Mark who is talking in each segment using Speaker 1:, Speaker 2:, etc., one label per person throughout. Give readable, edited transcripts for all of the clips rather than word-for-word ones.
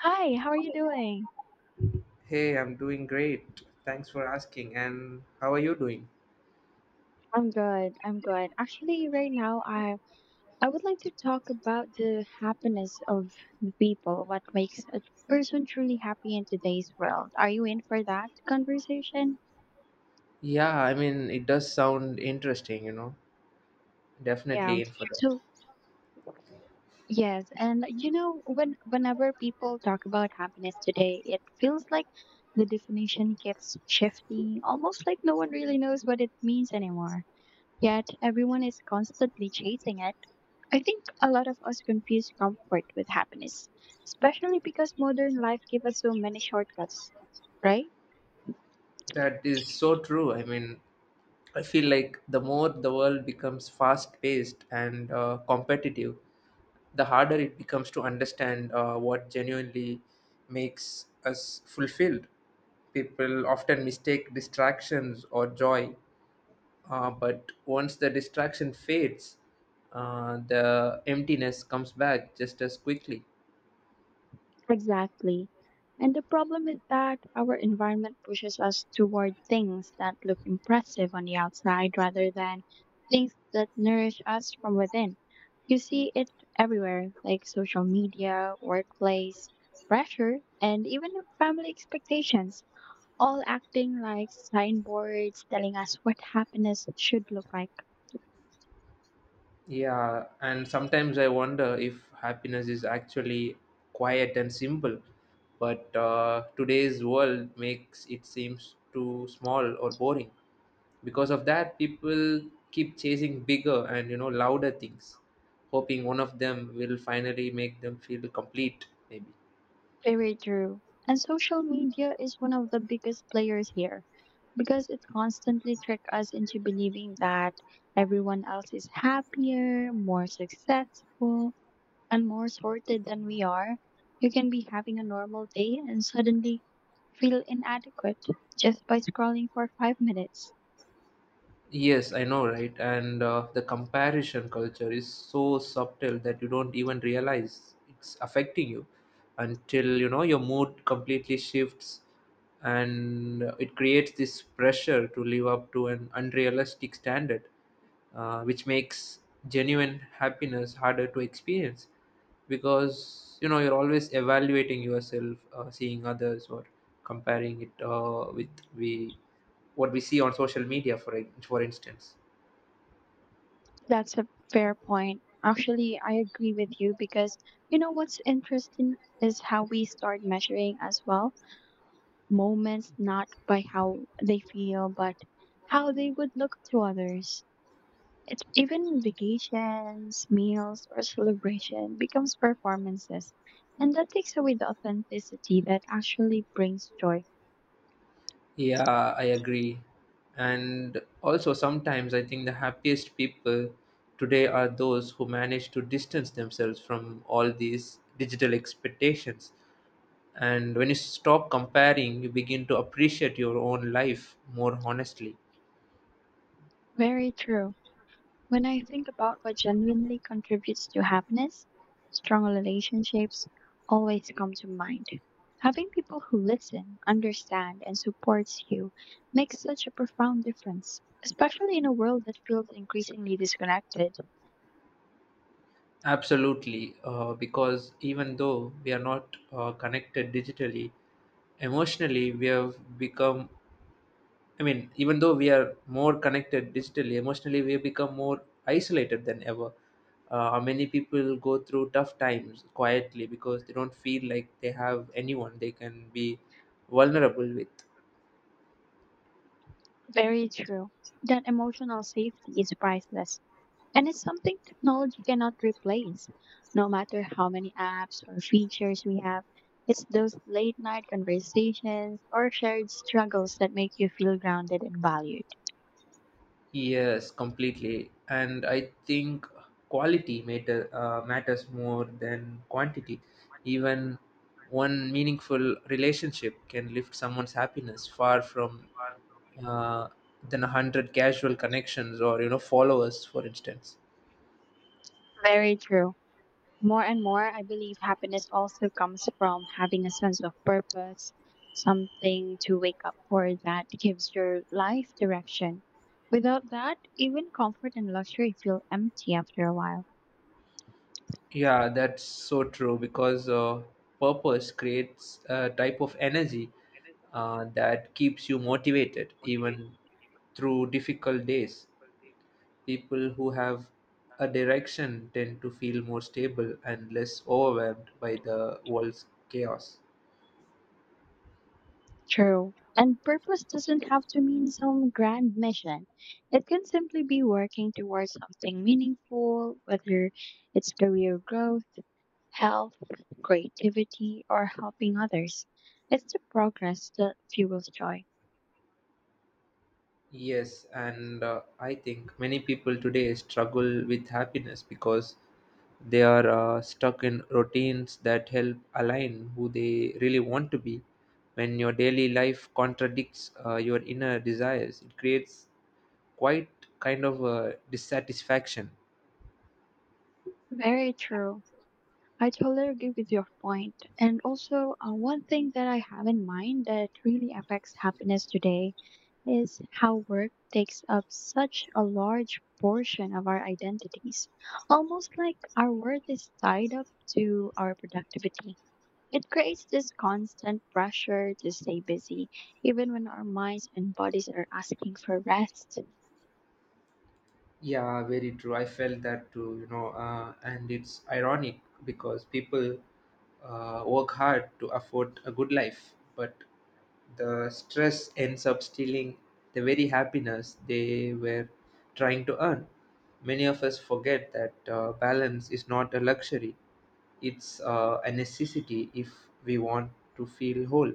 Speaker 1: Hi, how are you doing?
Speaker 2: Hey, I'm doing great. Thanks for asking. And how are you doing?
Speaker 1: I'm good. Actually, right now, I would like to talk about the happiness of the people, what makes a person truly happy in today's world. Are you in for that conversation?
Speaker 2: Yeah, I mean, it does sound interesting.
Speaker 1: Yeah.
Speaker 2: Definitely in for that.
Speaker 1: So, whenever people talk about happiness today, it feels like the definition keeps shifting, almost like no one really knows what it means anymore. Yet everyone is constantly chasing it. I think a lot of us confuse comfort with happiness, especially because modern life gives us so many shortcuts, right?
Speaker 2: That is so true. I mean, I feel like the more the world becomes fast paced and competitive, the harder it becomes to understand what genuinely makes us fulfilled. People often mistake distractions or joy. But once the distraction fades, the emptiness comes back just as quickly.
Speaker 1: Exactly. And the problem is that our environment pushes us toward things that look impressive on the outside rather than things that nourish us from within. You see it everywhere, like social media, workplace, pressure, and even family expectations, all acting like signboards telling us what happiness should look like.
Speaker 2: Yeah, and sometimes I wonder if happiness is actually quiet and simple, but today's world makes it seems too small or boring. Because of that, people keep chasing bigger and louder things, hoping one of them will finally make them feel complete. Maybe.
Speaker 1: Very true. And social media is one of the biggest players here because it constantly trick us into believing that everyone else is happier, more successful, and more sorted than we are. You can be having a normal day and suddenly feel inadequate just by scrolling for 5 minutes.
Speaker 2: Yes, I know, right? And the comparison culture is so subtle that you don't even realize it's affecting you until your mood completely shifts, and it creates this pressure to live up to an unrealistic standard, which makes genuine happiness harder to experience because you're always evaluating yourself, seeing others, or comparing it with we what we see on social media for instance.
Speaker 1: That's a fair point. Actually, I agree with you because what's interesting is how we start measuring as well moments not by how they feel, but how they would look to others. It's even vacations, meals, or celebration becomes performances, and that takes away the authenticity that actually brings joy.
Speaker 2: Yeah, I agree. And also, sometimes I think the happiest people today are those who manage to distance themselves from all these digital expectations. And when you stop comparing, you begin to appreciate your own life more honestly.
Speaker 1: Very true. When I think about what genuinely contributes to happiness, strong relationships always come to mind. Having people who listen, understand, and supports you makes such a profound difference, especially in a world that feels increasingly disconnected.
Speaker 2: Absolutely. Because even though we are not connected digitally, emotionally, we have become. I mean, even though we are more connected digitally, emotionally, we become more isolated than ever. Many people go through tough times quietly because they don't feel like they have anyone they can be vulnerable with.
Speaker 1: Very true. That emotional safety is priceless. And it's something technology cannot replace. No matter how many apps or features we have, it's those late night conversations or shared struggles that make you feel grounded and valued.
Speaker 2: Yes, completely. And I think quality matters more than quantity. Even one meaningful relationship can lift someone's happiness far from uh, than 100 casual connections or followers, for instance.
Speaker 1: Very true. More and more, I believe happiness also comes from having a sense of purpose, something to wake up for that gives your life direction. Without that, even comfort and luxury feel empty after a while.
Speaker 2: Yeah, that's so true because purpose creates a type of energy that keeps you motivated even through difficult days. People who have a direction tend to feel more stable and less overwhelmed by the world's chaos.
Speaker 1: True. And purpose doesn't have to mean some grand mission. It can simply be working towards something meaningful, whether it's career growth, health, creativity, or helping others. It's the progress that fuels joy.
Speaker 2: Yes, and I think many people today struggle with happiness because they are stuck in routines that help align who they really want to be. When your daily life contradicts your inner desires, it creates quite kind of a dissatisfaction.
Speaker 1: Very true. I totally agree with your point. And also, one thing that I have in mind that really affects happiness today is how work takes up such a large portion of our identities. Almost like our worth is tied up to our productivity. It creates this constant pressure to stay busy, even when our minds and bodies are asking for rest.
Speaker 2: Yeah, very true. I felt that too, and it's ironic because people work hard to afford a good life, but the stress ends up stealing the very happiness they were trying to earn. Many of us forget that balance is not a luxury, it's a necessity if we want to feel whole.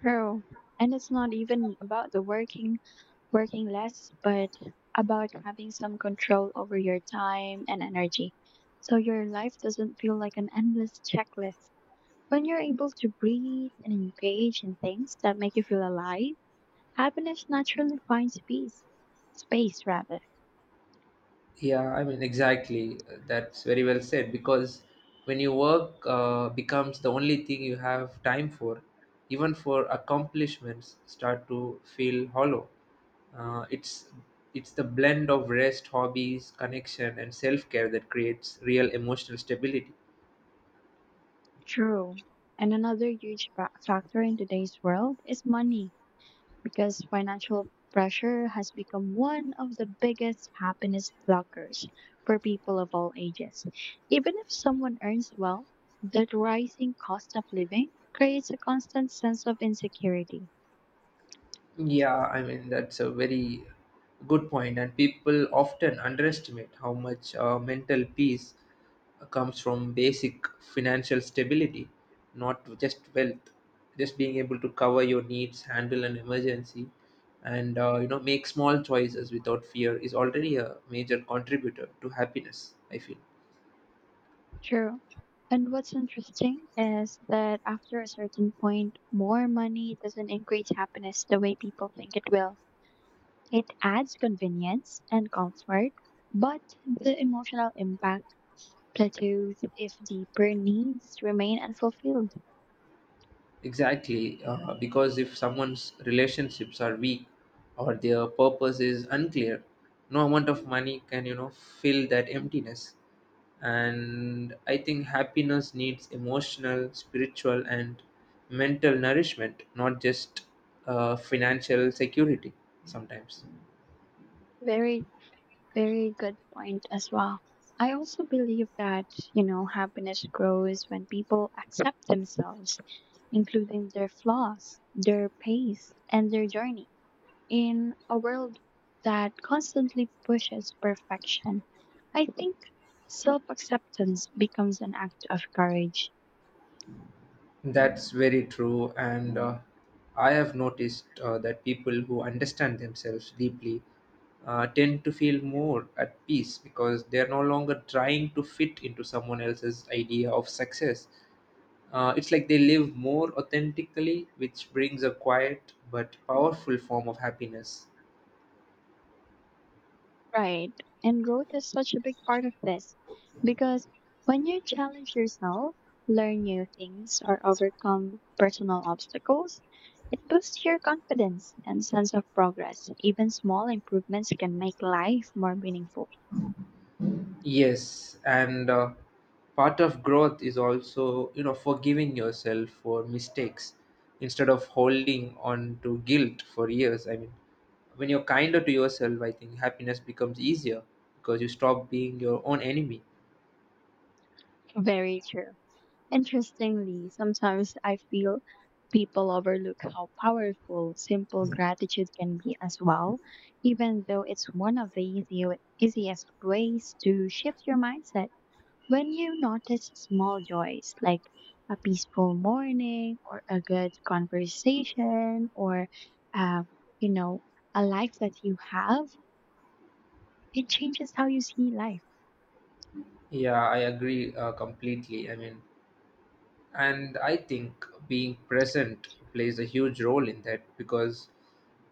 Speaker 1: True. And it's not even about the working less, but about having some control over your time and energy. So your life doesn't feel like an endless checklist. When you're able to breathe and engage in things that make you feel alive, happiness naturally finds peace. Space, rather.
Speaker 2: Yeah, I mean, exactly. That's very well said because when you work becomes the only thing you have time for, even for accomplishments start to feel hollow. Uh, it's it's the blend of rest, hobbies, connection, and self care that creates real emotional stability.
Speaker 1: True. And another huge factor in today's world is money, because financial pressure has become one of the biggest happiness blockers for people of all ages. Even if someone earns well, the rising cost of living creates a constant sense of insecurity.
Speaker 2: Yeah, I mean, that's a very good point, and people often underestimate how much mental peace comes from basic financial stability, not just wealth. Just being able to cover your needs, handle an emergency, and make small choices without fear is already a major contributor to happiness. I feel.
Speaker 1: True. And what's interesting is that after a certain point, more money doesn't increase happiness the way people think it will. It adds convenience and comfort, but the emotional impact plateaus if deeper needs remain unfulfilled.
Speaker 2: Exactly, because if someone's relationships are weak or their purpose is unclear, no amount of money can, fill that emptiness. And I think happiness needs emotional, spiritual, and mental nourishment, not just financial security sometimes.
Speaker 1: Very, very good point as well. I also believe that, happiness grows when people accept themselves, including their flaws, their pace, and their journey. In a world that constantly pushes perfection, I think self acceptance becomes an act of courage.
Speaker 2: That's very true, and I have noticed that people who understand themselves deeply tend to feel more at peace because they are no longer trying to fit into someone else's idea of success. It's like they live more authentically, which brings a quiet but powerful form of happiness.
Speaker 1: Right. And growth is such a big part of this because when you challenge yourself, learn new things, or overcome personal obstacles, it boosts your confidence and sense of progress. Even small improvements can make life more meaningful.
Speaker 2: Yes, and part of growth is also, forgiving yourself for mistakes instead of holding on to guilt for years. I mean, when you're kinder to yourself, I think happiness becomes easier because you stop being your own enemy.
Speaker 1: Very true. Interestingly, sometimes I feel people overlook how powerful simple gratitude can be as well, even though it's one of the easiest ways to shift your mindset. When you notice small joys like a peaceful morning or a good conversation or, uh, you know, a life that you have, it changes how you see life,
Speaker 2: Yeah, I agree completely. I mean, and I think being present plays a huge role in that because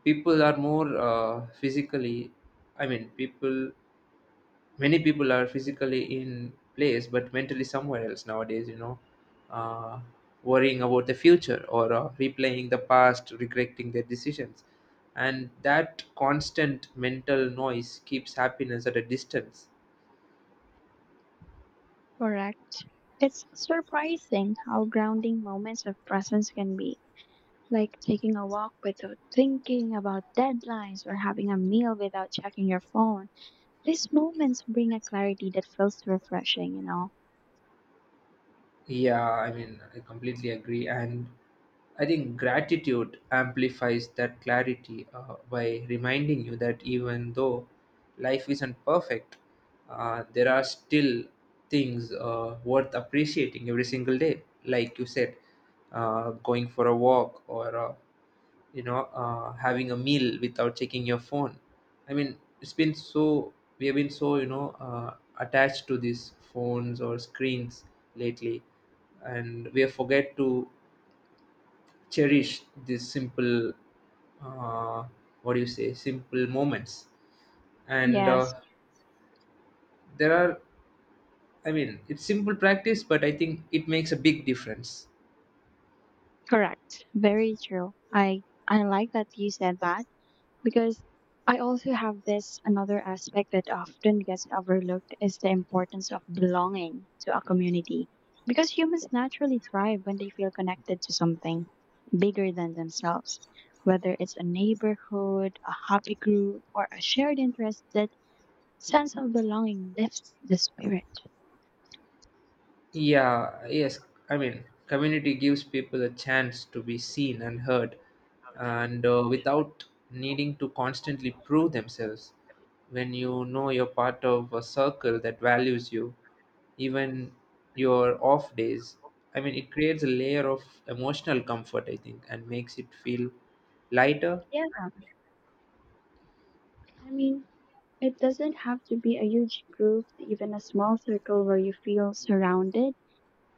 Speaker 2: people are more physically, I mean, people many people are physically in place but mentally somewhere else nowadays, uh, worrying about the future or replaying the past, regretting their decisions, and that constant mental noise keeps happiness at a distance.
Speaker 1: correct? It's surprising how grounding moments of presence can be, like taking a walk without thinking about deadlines or having a meal without checking your phone. These moments bring a clarity that feels refreshing, you know?
Speaker 2: Yeah, I mean, I completely agree. And I think gratitude amplifies that clarity by reminding you that even though life isn't perfect, there are still things worth appreciating every single day. Like you said, going for a walk or having a meal without checking your phone. I mean, it's been so we have been so, attached to these phones or screens lately, and we have forget to cherish these simple uh, what do you say simple moments. And
Speaker 1: Yes.
Speaker 2: there are I mean, it's simple practice, but I think it makes a big difference.
Speaker 1: Correct. Very true. I like that you said that because I also have this another aspect that often gets overlooked is the importance of belonging to a community. Because humans naturally thrive when they feel connected to something bigger than themselves, whether it's a neighborhood, a hobby group, or a shared interest, that sense of belonging lifts the spirit.
Speaker 2: Yeah, yes. I mean, community gives people a chance to be seen and heard, and without needing to constantly prove themselves. When you know you're part of a circle that values you, even your off days, I mean, it creates a layer of emotional comfort, I think, and makes it feel lighter.
Speaker 1: Yeah, I mean, It doesn't have to be a huge group, even a small circle where you feel surrounded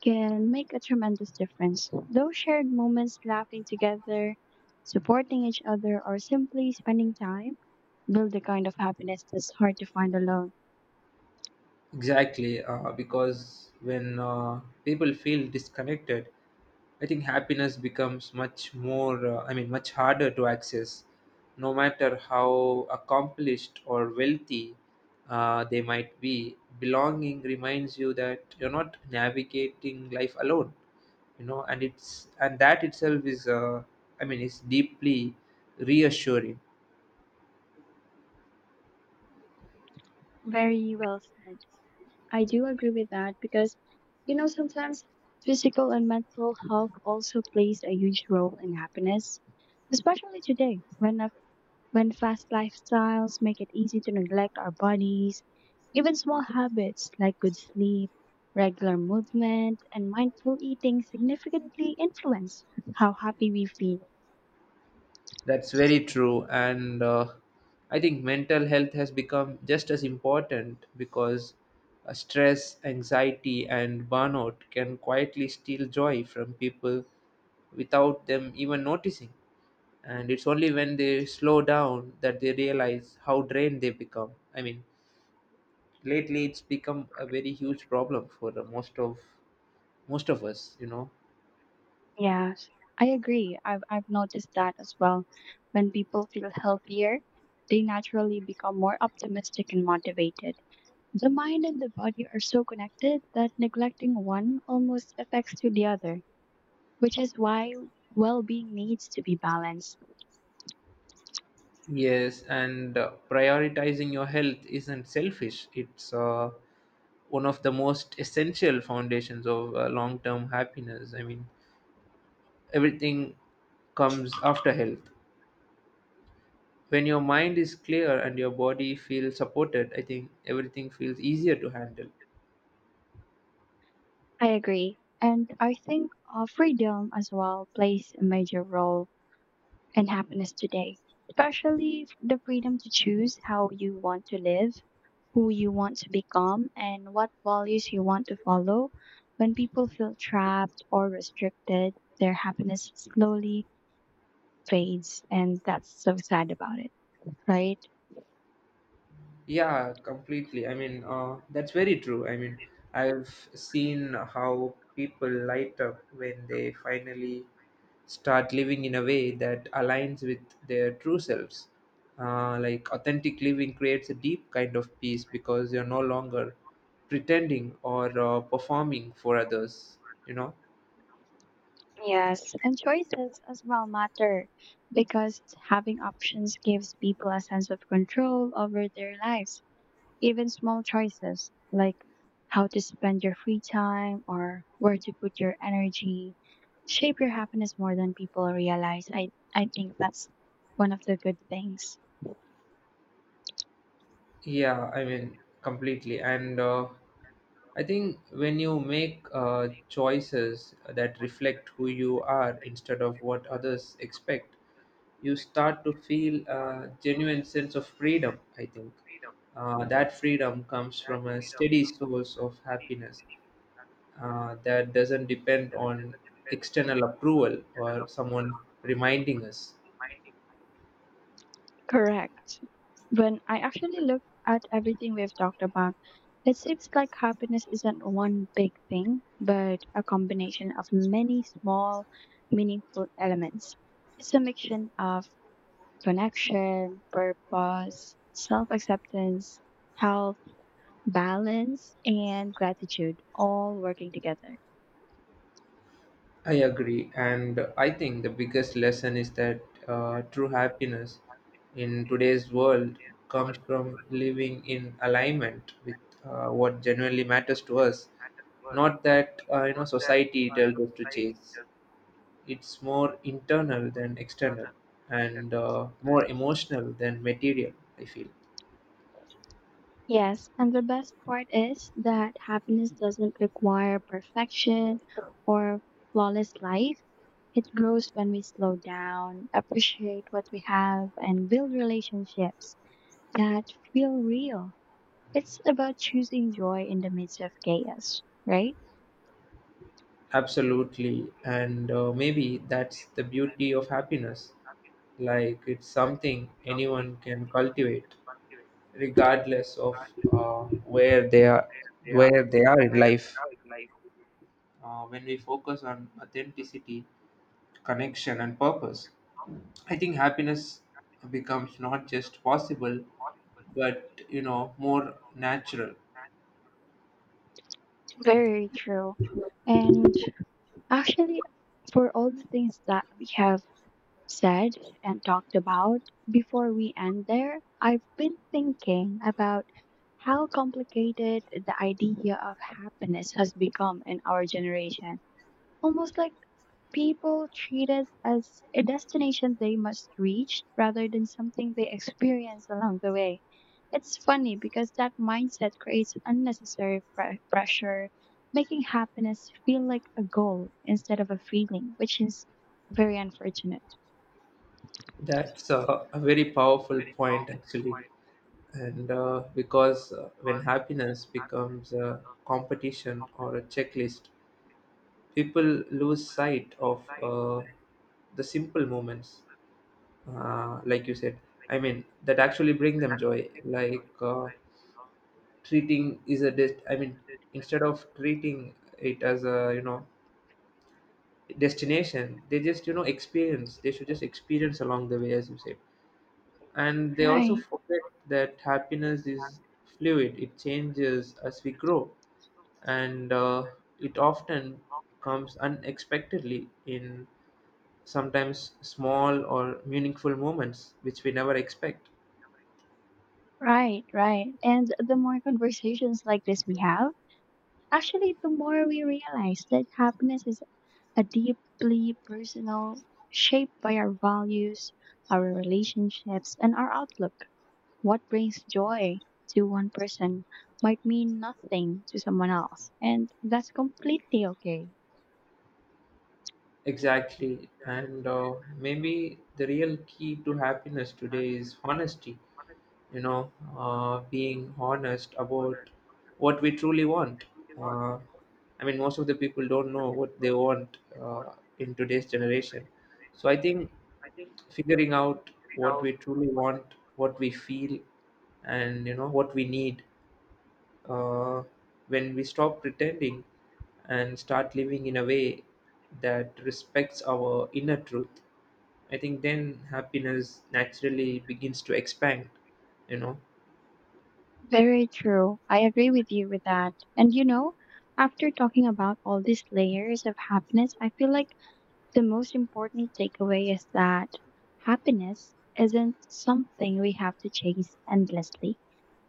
Speaker 1: can make a tremendous difference. Those shared moments laughing together, supporting each other, or simply spending time build the kind of happiness that's hard to find alone.
Speaker 2: Exactly, because when people feel disconnected, I think happiness becomes much more, I mean, much harder to access, no matter how accomplished or wealthy they might be. Belonging reminds you that you're not navigating life alone, and that itself is, I mean, is deeply reassuring.
Speaker 1: Very well said. I do agree with that because, sometimes physical and mental health also plays a huge role in happiness, especially today when fast lifestyles make it easy to neglect our bodies, even small habits like good sleep, regular movement, and mindful eating significantly influence how happy we feel.
Speaker 2: That's very true. And I think mental health has become just as important because stress, anxiety, and burnout can quietly steal joy from people without them even noticing. And it's only when they slow down that they realize how drained they become. I mean, lately it's become a very huge problem for most of us.
Speaker 1: Yes, I agree. I've noticed that as well. When people feel healthier, they naturally become more optimistic and motivated. The mind and the body are so connected that neglecting one almost affects to the other, which is why well being needs to be balanced.
Speaker 2: Yes, and prioritizing your health isn't selfish. It's one of the most essential foundations of long-term happiness. I mean, everything comes after health. When your mind is clear and your body feels supported, I think everything feels easier to handle.
Speaker 1: I agree. And I think freedom as well plays a major role in happiness today, especially the freedom to choose how you want to live, who you want to become, and what values you want to follow. When people feel trapped or restricted, their happiness slowly fades, and that's so sad about it, right?
Speaker 2: Yeah, completely. I mean, that's very true. I mean, I've seen how people light up when they finally start living in a way that aligns with their true selves. Like authentic living creates a deep kind of peace because you're no longer pretending or performing for others, you know?
Speaker 1: Yes, and choices as well matter because having options gives people a sense of control over their lives. Even small choices like how to spend your free time or where to put your energy shape your happiness more than people realize. I think that's one of the good things.
Speaker 2: Yeah, I mean, completely. And I think when you make choices that reflect who you are instead of what others expect, you start to feel a genuine sense of freedom. I think that freedom comes from a steady source of happiness that doesn't depend on external approval or someone reminding us.
Speaker 1: Correct. When I actually look at everything we've talked about, it seems like happiness isn't one big thing, but a combination of many small, meaningful elements. It's a mixture of connection, purpose, self acceptance, health, balance, and gratitude all working together.
Speaker 2: I agree, and I think the biggest lesson is that true happiness in today's world comes from living in alignment with what genuinely matters to us, not that society tells us to chase. It's more internal than external, and more emotional than material. I feel.
Speaker 1: Yes, and the best part is that happiness doesn't require perfection or flawless life. It grows when we slow down, appreciate what we have, and build relationships that feel real. It's about choosing joy in the midst of chaos, right?
Speaker 2: Absolutely, and maybe that's the beauty of happiness. Like it's something anyone can cultivate regardless of uh, where they are where they are in life. When we focus on authenticity, connection, and purpose, I think happiness becomes not just possible but more natural.
Speaker 1: Very true. And actually, for all the things that we have said and talked about, before we end there, I've been thinking about how complicated the idea of happiness has become in our generation. Almost like people treat it as a destination they must reach rather than something they experience along the way. It's funny because that mindset creates unnecessary pressure, making happiness feel like a goal instead of a feeling, which is very unfortunate.
Speaker 2: That's a very powerful point actually. And because when happiness becomes a competition or a checklist, people lose sight of the simple moments, like you said. I mean, that actually bring them joy, like treating is a dest- I mean, instead of treating it as a, destination, they should just experience along the way, as you said. And they also
Speaker 1: Right.
Speaker 2: forget that happiness is fluid. It changes as we grow, and it often comes unexpectedly in sometimes small or meaningful moments which we never expect.
Speaker 1: Right. And the more conversations like this we have, actually, the more we realize that happiness is a deeply personal, shaped by our values, our relationships, and our outlook. What brings joy to one person might mean nothing to someone else, and that's completely okay.
Speaker 2: Exactly. And maybe the real key to happiness today is honesty. You know, being honest about what we truly want. Uh, I mean, most of the people don't know what they want in today's generation. So I think figuring out what we truly want, what we feel, and what we need uh, when we stop pretending and start living in a way that respects our inner truth. I think then happiness naturally begins to expand, you know
Speaker 1: Very true. I agree with you with that. And you know, after talking about all these layers of happiness, I feel like the most important takeaway is that happiness isn't something we have to chase endlessly.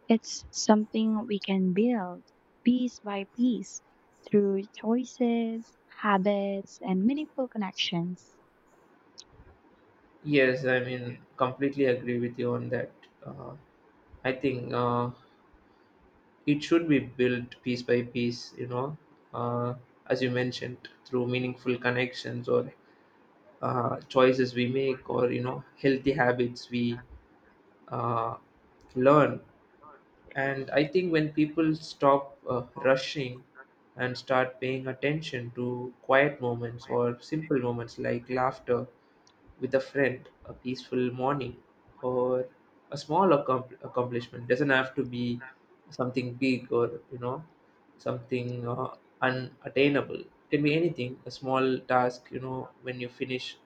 Speaker 1: It's something we can build piece by piece through choices, habits, and meaningful connections.
Speaker 2: yes, I mean completely agree with you on that. uh, I think it should be built piece by piece, uh, as you mentioned, through meaningful connections or choices we make, or healthy habits we uh, learn. And I think when people stop rushing and start paying attention to quiet moments or simple moments like laughter with a friend, a peaceful morning, or a accomplishment. Doesn't have to be something big or, something unattainable. It can be anything, a small task, when you finish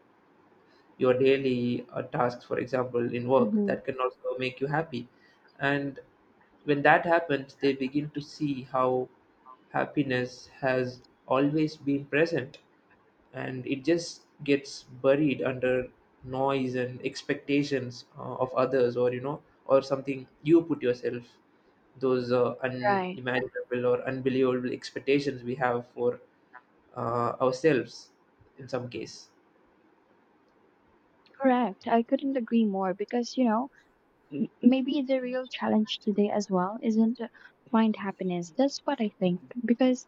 Speaker 2: your daily tasks, for example, in work,
Speaker 1: Hmm.
Speaker 2: that can also make you happy. And when that happens, they begin to see how happiness has always been present, and it just gets buried under noise and expectations of others, or or something you put yourself, those
Speaker 1: Right.
Speaker 2: unimaginable or unbelievable expectations we have for ourselves in some case.
Speaker 1: Correct. I couldn't agree more because, maybe the real challenge today as well isn't to find happiness. That's what I think. Because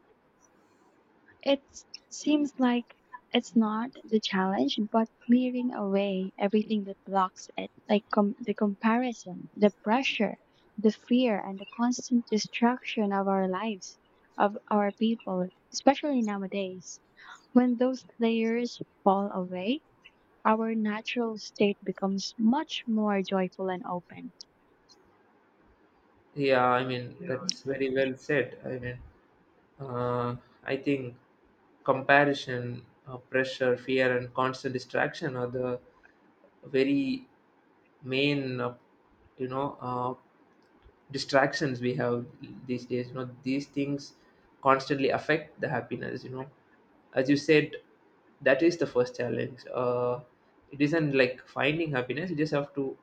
Speaker 1: it seems like it's not the challenge, but clearing away everything that blocks it, like the comparison, the pressure, the fear, and the constant distraction of our lives, of our people, especially nowadays. When those layers fall away, our natural state becomes much more joyful and open.
Speaker 2: Yeah, I mean, that's very well said. I mean, uh, I think comparison, pressure, fear, and constant distraction are the very main, you know, uh, distractions we have these days. You know, these things constantly affect the happiness. You know, as you said, that is the first challenge. It isn't like finding happiness; you just have to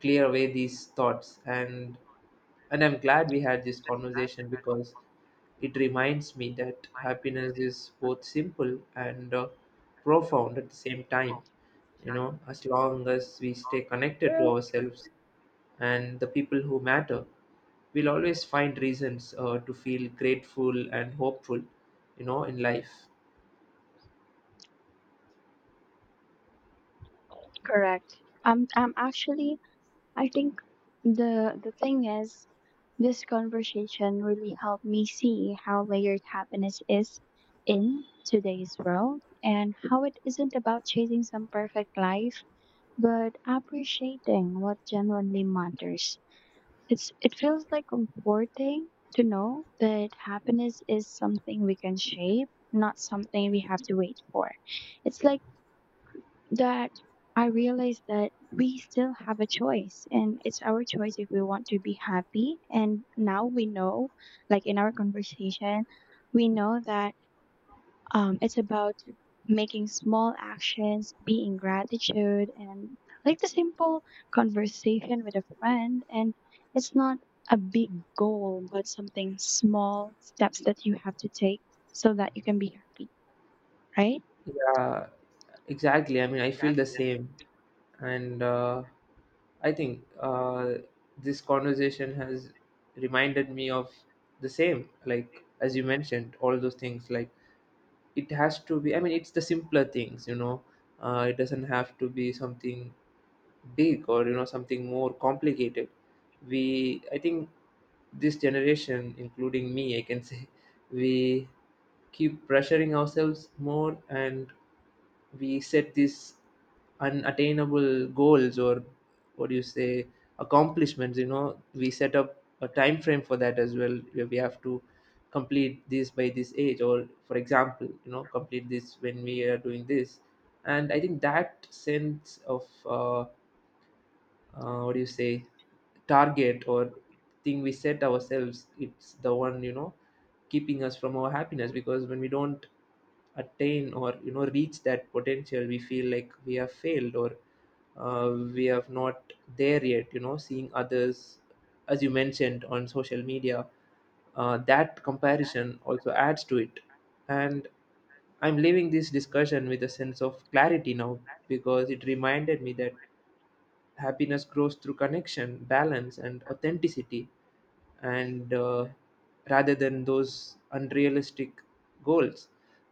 Speaker 2: clear away these thoughts, and I'm glad we had this conversation because it reminds me that happiness is both simple and profound at the same time. You know, as long as we stay connected to ourselves and the people who matter, we'll always find reasons to feel grateful and hopeful, in life.
Speaker 1: Correct. I'm actually I think the thing is this conversation really helped me see how layered happiness is in today's world and how it isn't about chasing some perfect life but appreciating what genuinely matters. It feels like comforting to know that happiness is something we can shape, not something we have to wait for. It's like that I realized that we still have a choice and it's our choice if we want to be happy. And now we know, like in our conversation, we know that it's about making small actions, being gratitude, and like the simple conversation with a friend. And it's not a big goal, but something small steps that you have to take so that you can be happy, right?
Speaker 2: Yeah, exactly. I mean, I feel the same. And I think this conversation has reminded me of the same, like, as you mentioned, all those things. Like, it has to be, I mean, it's the simpler things, you know, it doesn't have to be something big or, you know, something more complicated. I think this generation, including me, I can say, we keep pressuring ourselves more, and we set these unattainable goals, or what do you say, accomplishments. You know, we set up a time frame for that as well, where we have to complete this by this age or, for example, you know, complete this when we are doing this. And I think that sense of what do you say, target or thing we set ourselves, it's the one, keeping us from our happiness, because when we don't attain or, reach that potential, we feel like we have failed or we have not there yet, you know, seeing others, as you mentioned, on social media, that comparison also adds to it. And I'm leaving this discussion with a sense of clarity now, because it reminded me that happiness grows through connection, balance, and authenticity, and rather than those unrealistic goals.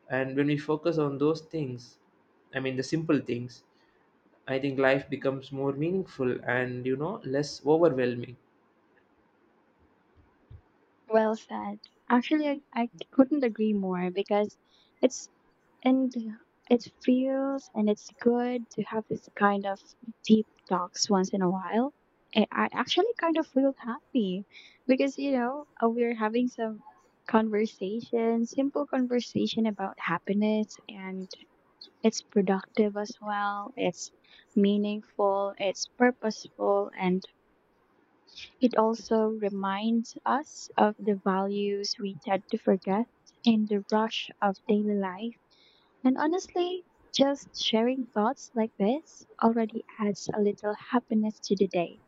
Speaker 2: And when we focus on those things, I mean the simple things, I think life becomes more meaningful and, less overwhelming.
Speaker 1: Well said. Actually, I couldn't agree more because it's and it feels and it's good to have this kind of deep talks once in a while. And I actually kind of feel happy because we're having some conversation, simple conversation about happiness, and it's productive as well. It's meaningful, it's purposeful, and it also reminds us of the values we tend to forget in the rush of daily life. And honestly, just sharing thoughts like this already adds a little happiness to the day,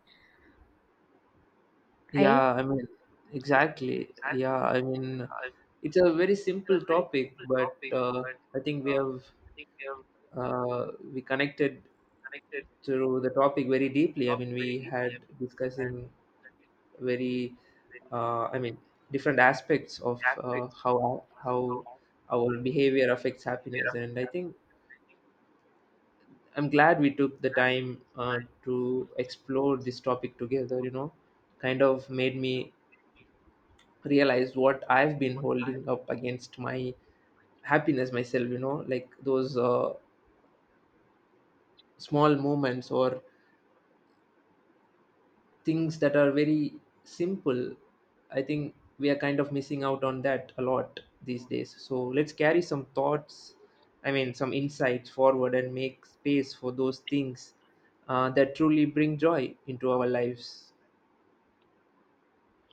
Speaker 1: right?
Speaker 2: Yeah, I mean, exactly. Yeah, I mean, it's a very simple topic, but I think we connected through the topic very deeply. I mean, we had discussing very, I mean, different aspects of how our behavior affects happiness. And I think I'm glad we took the time to explore this topic together. You know, kind of made me realize what I've been holding up against my happiness myself. You know, like those small moments or things that are very simple. I think we are kind of missing out on that a lot these days. So let's carry some thoughts, I mean some insights, forward and make space for those things that truly bring joy into our lives.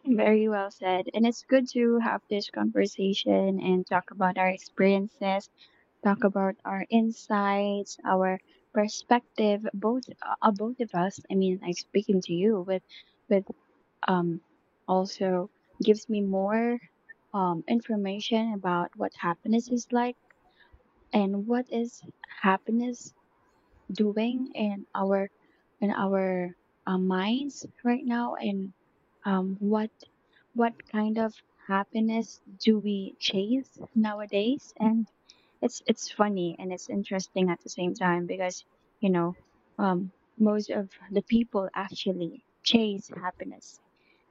Speaker 1: Very well said. And it's good to have this conversation and talk about our experiences, talk about our insights, our perspective, both of us. I mean, like speaking to you with with um, also gives me more information about what happiness is like and what is happiness doing in our in our minds right now and um, what what kind of happiness do we chase nowadays and it's funny and it's interesting at the same time because you know um, most of the people actually chase happiness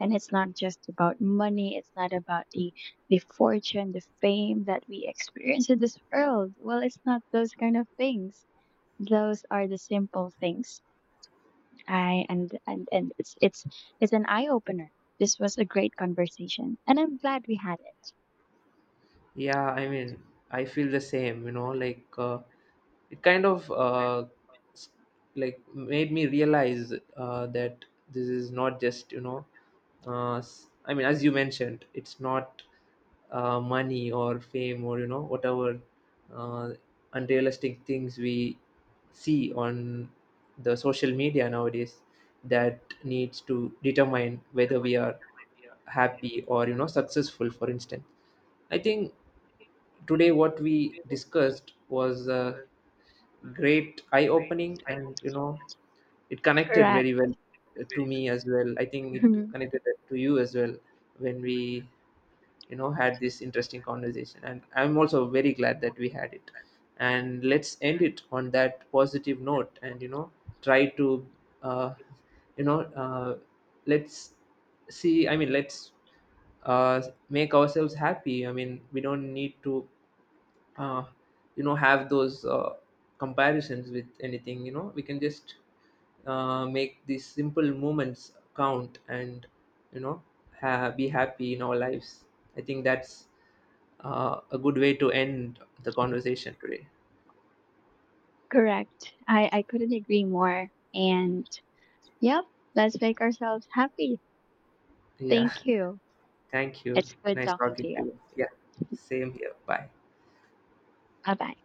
Speaker 1: and it's not just about money, it's not about the fortune, the fame that we experience in this world. Well, it's not those kind of things, those are the simple things. I and and and it's it's it's an eye opener. This was a great conversation and I'm glad we had it.
Speaker 2: Yeah, I mean, I feel the same, you know, like it kind of s- like made me realize that this is not just, you know, I mean, as you mentioned, it's not money or fame or, you know, whatever uh, unrealistic things we see on the social media nowadays that needs to determine whether we are happy or, you know, successful, for instance. I think today what we discussed was great eye opening, and you know it connected
Speaker 1: Correct.
Speaker 2: very well to me as well. I think it connected to you as well, when we, you know, had this interesting conversation, and I'm also very glad that we had it. And let's end it on that positive note, and you know try to uh, you know uh, let's see. I mean, let's uh, make ourselves happy. I mean, we don't need to, uh, have those comparisons with anything. You know, we can just make these simple moments count and, you know, be happy in our lives. I think that's a good way to end the conversation today.
Speaker 1: Correct. I couldn't agree more. And yep, let's make ourselves happy.
Speaker 2: Yeah.
Speaker 1: Thank you.
Speaker 2: Thank you.
Speaker 1: It's good
Speaker 2: Nice
Speaker 1: talking
Speaker 2: talking
Speaker 1: to
Speaker 2: to
Speaker 1: you.
Speaker 2: you. Yeah, same here. Bye.
Speaker 1: Bye bye.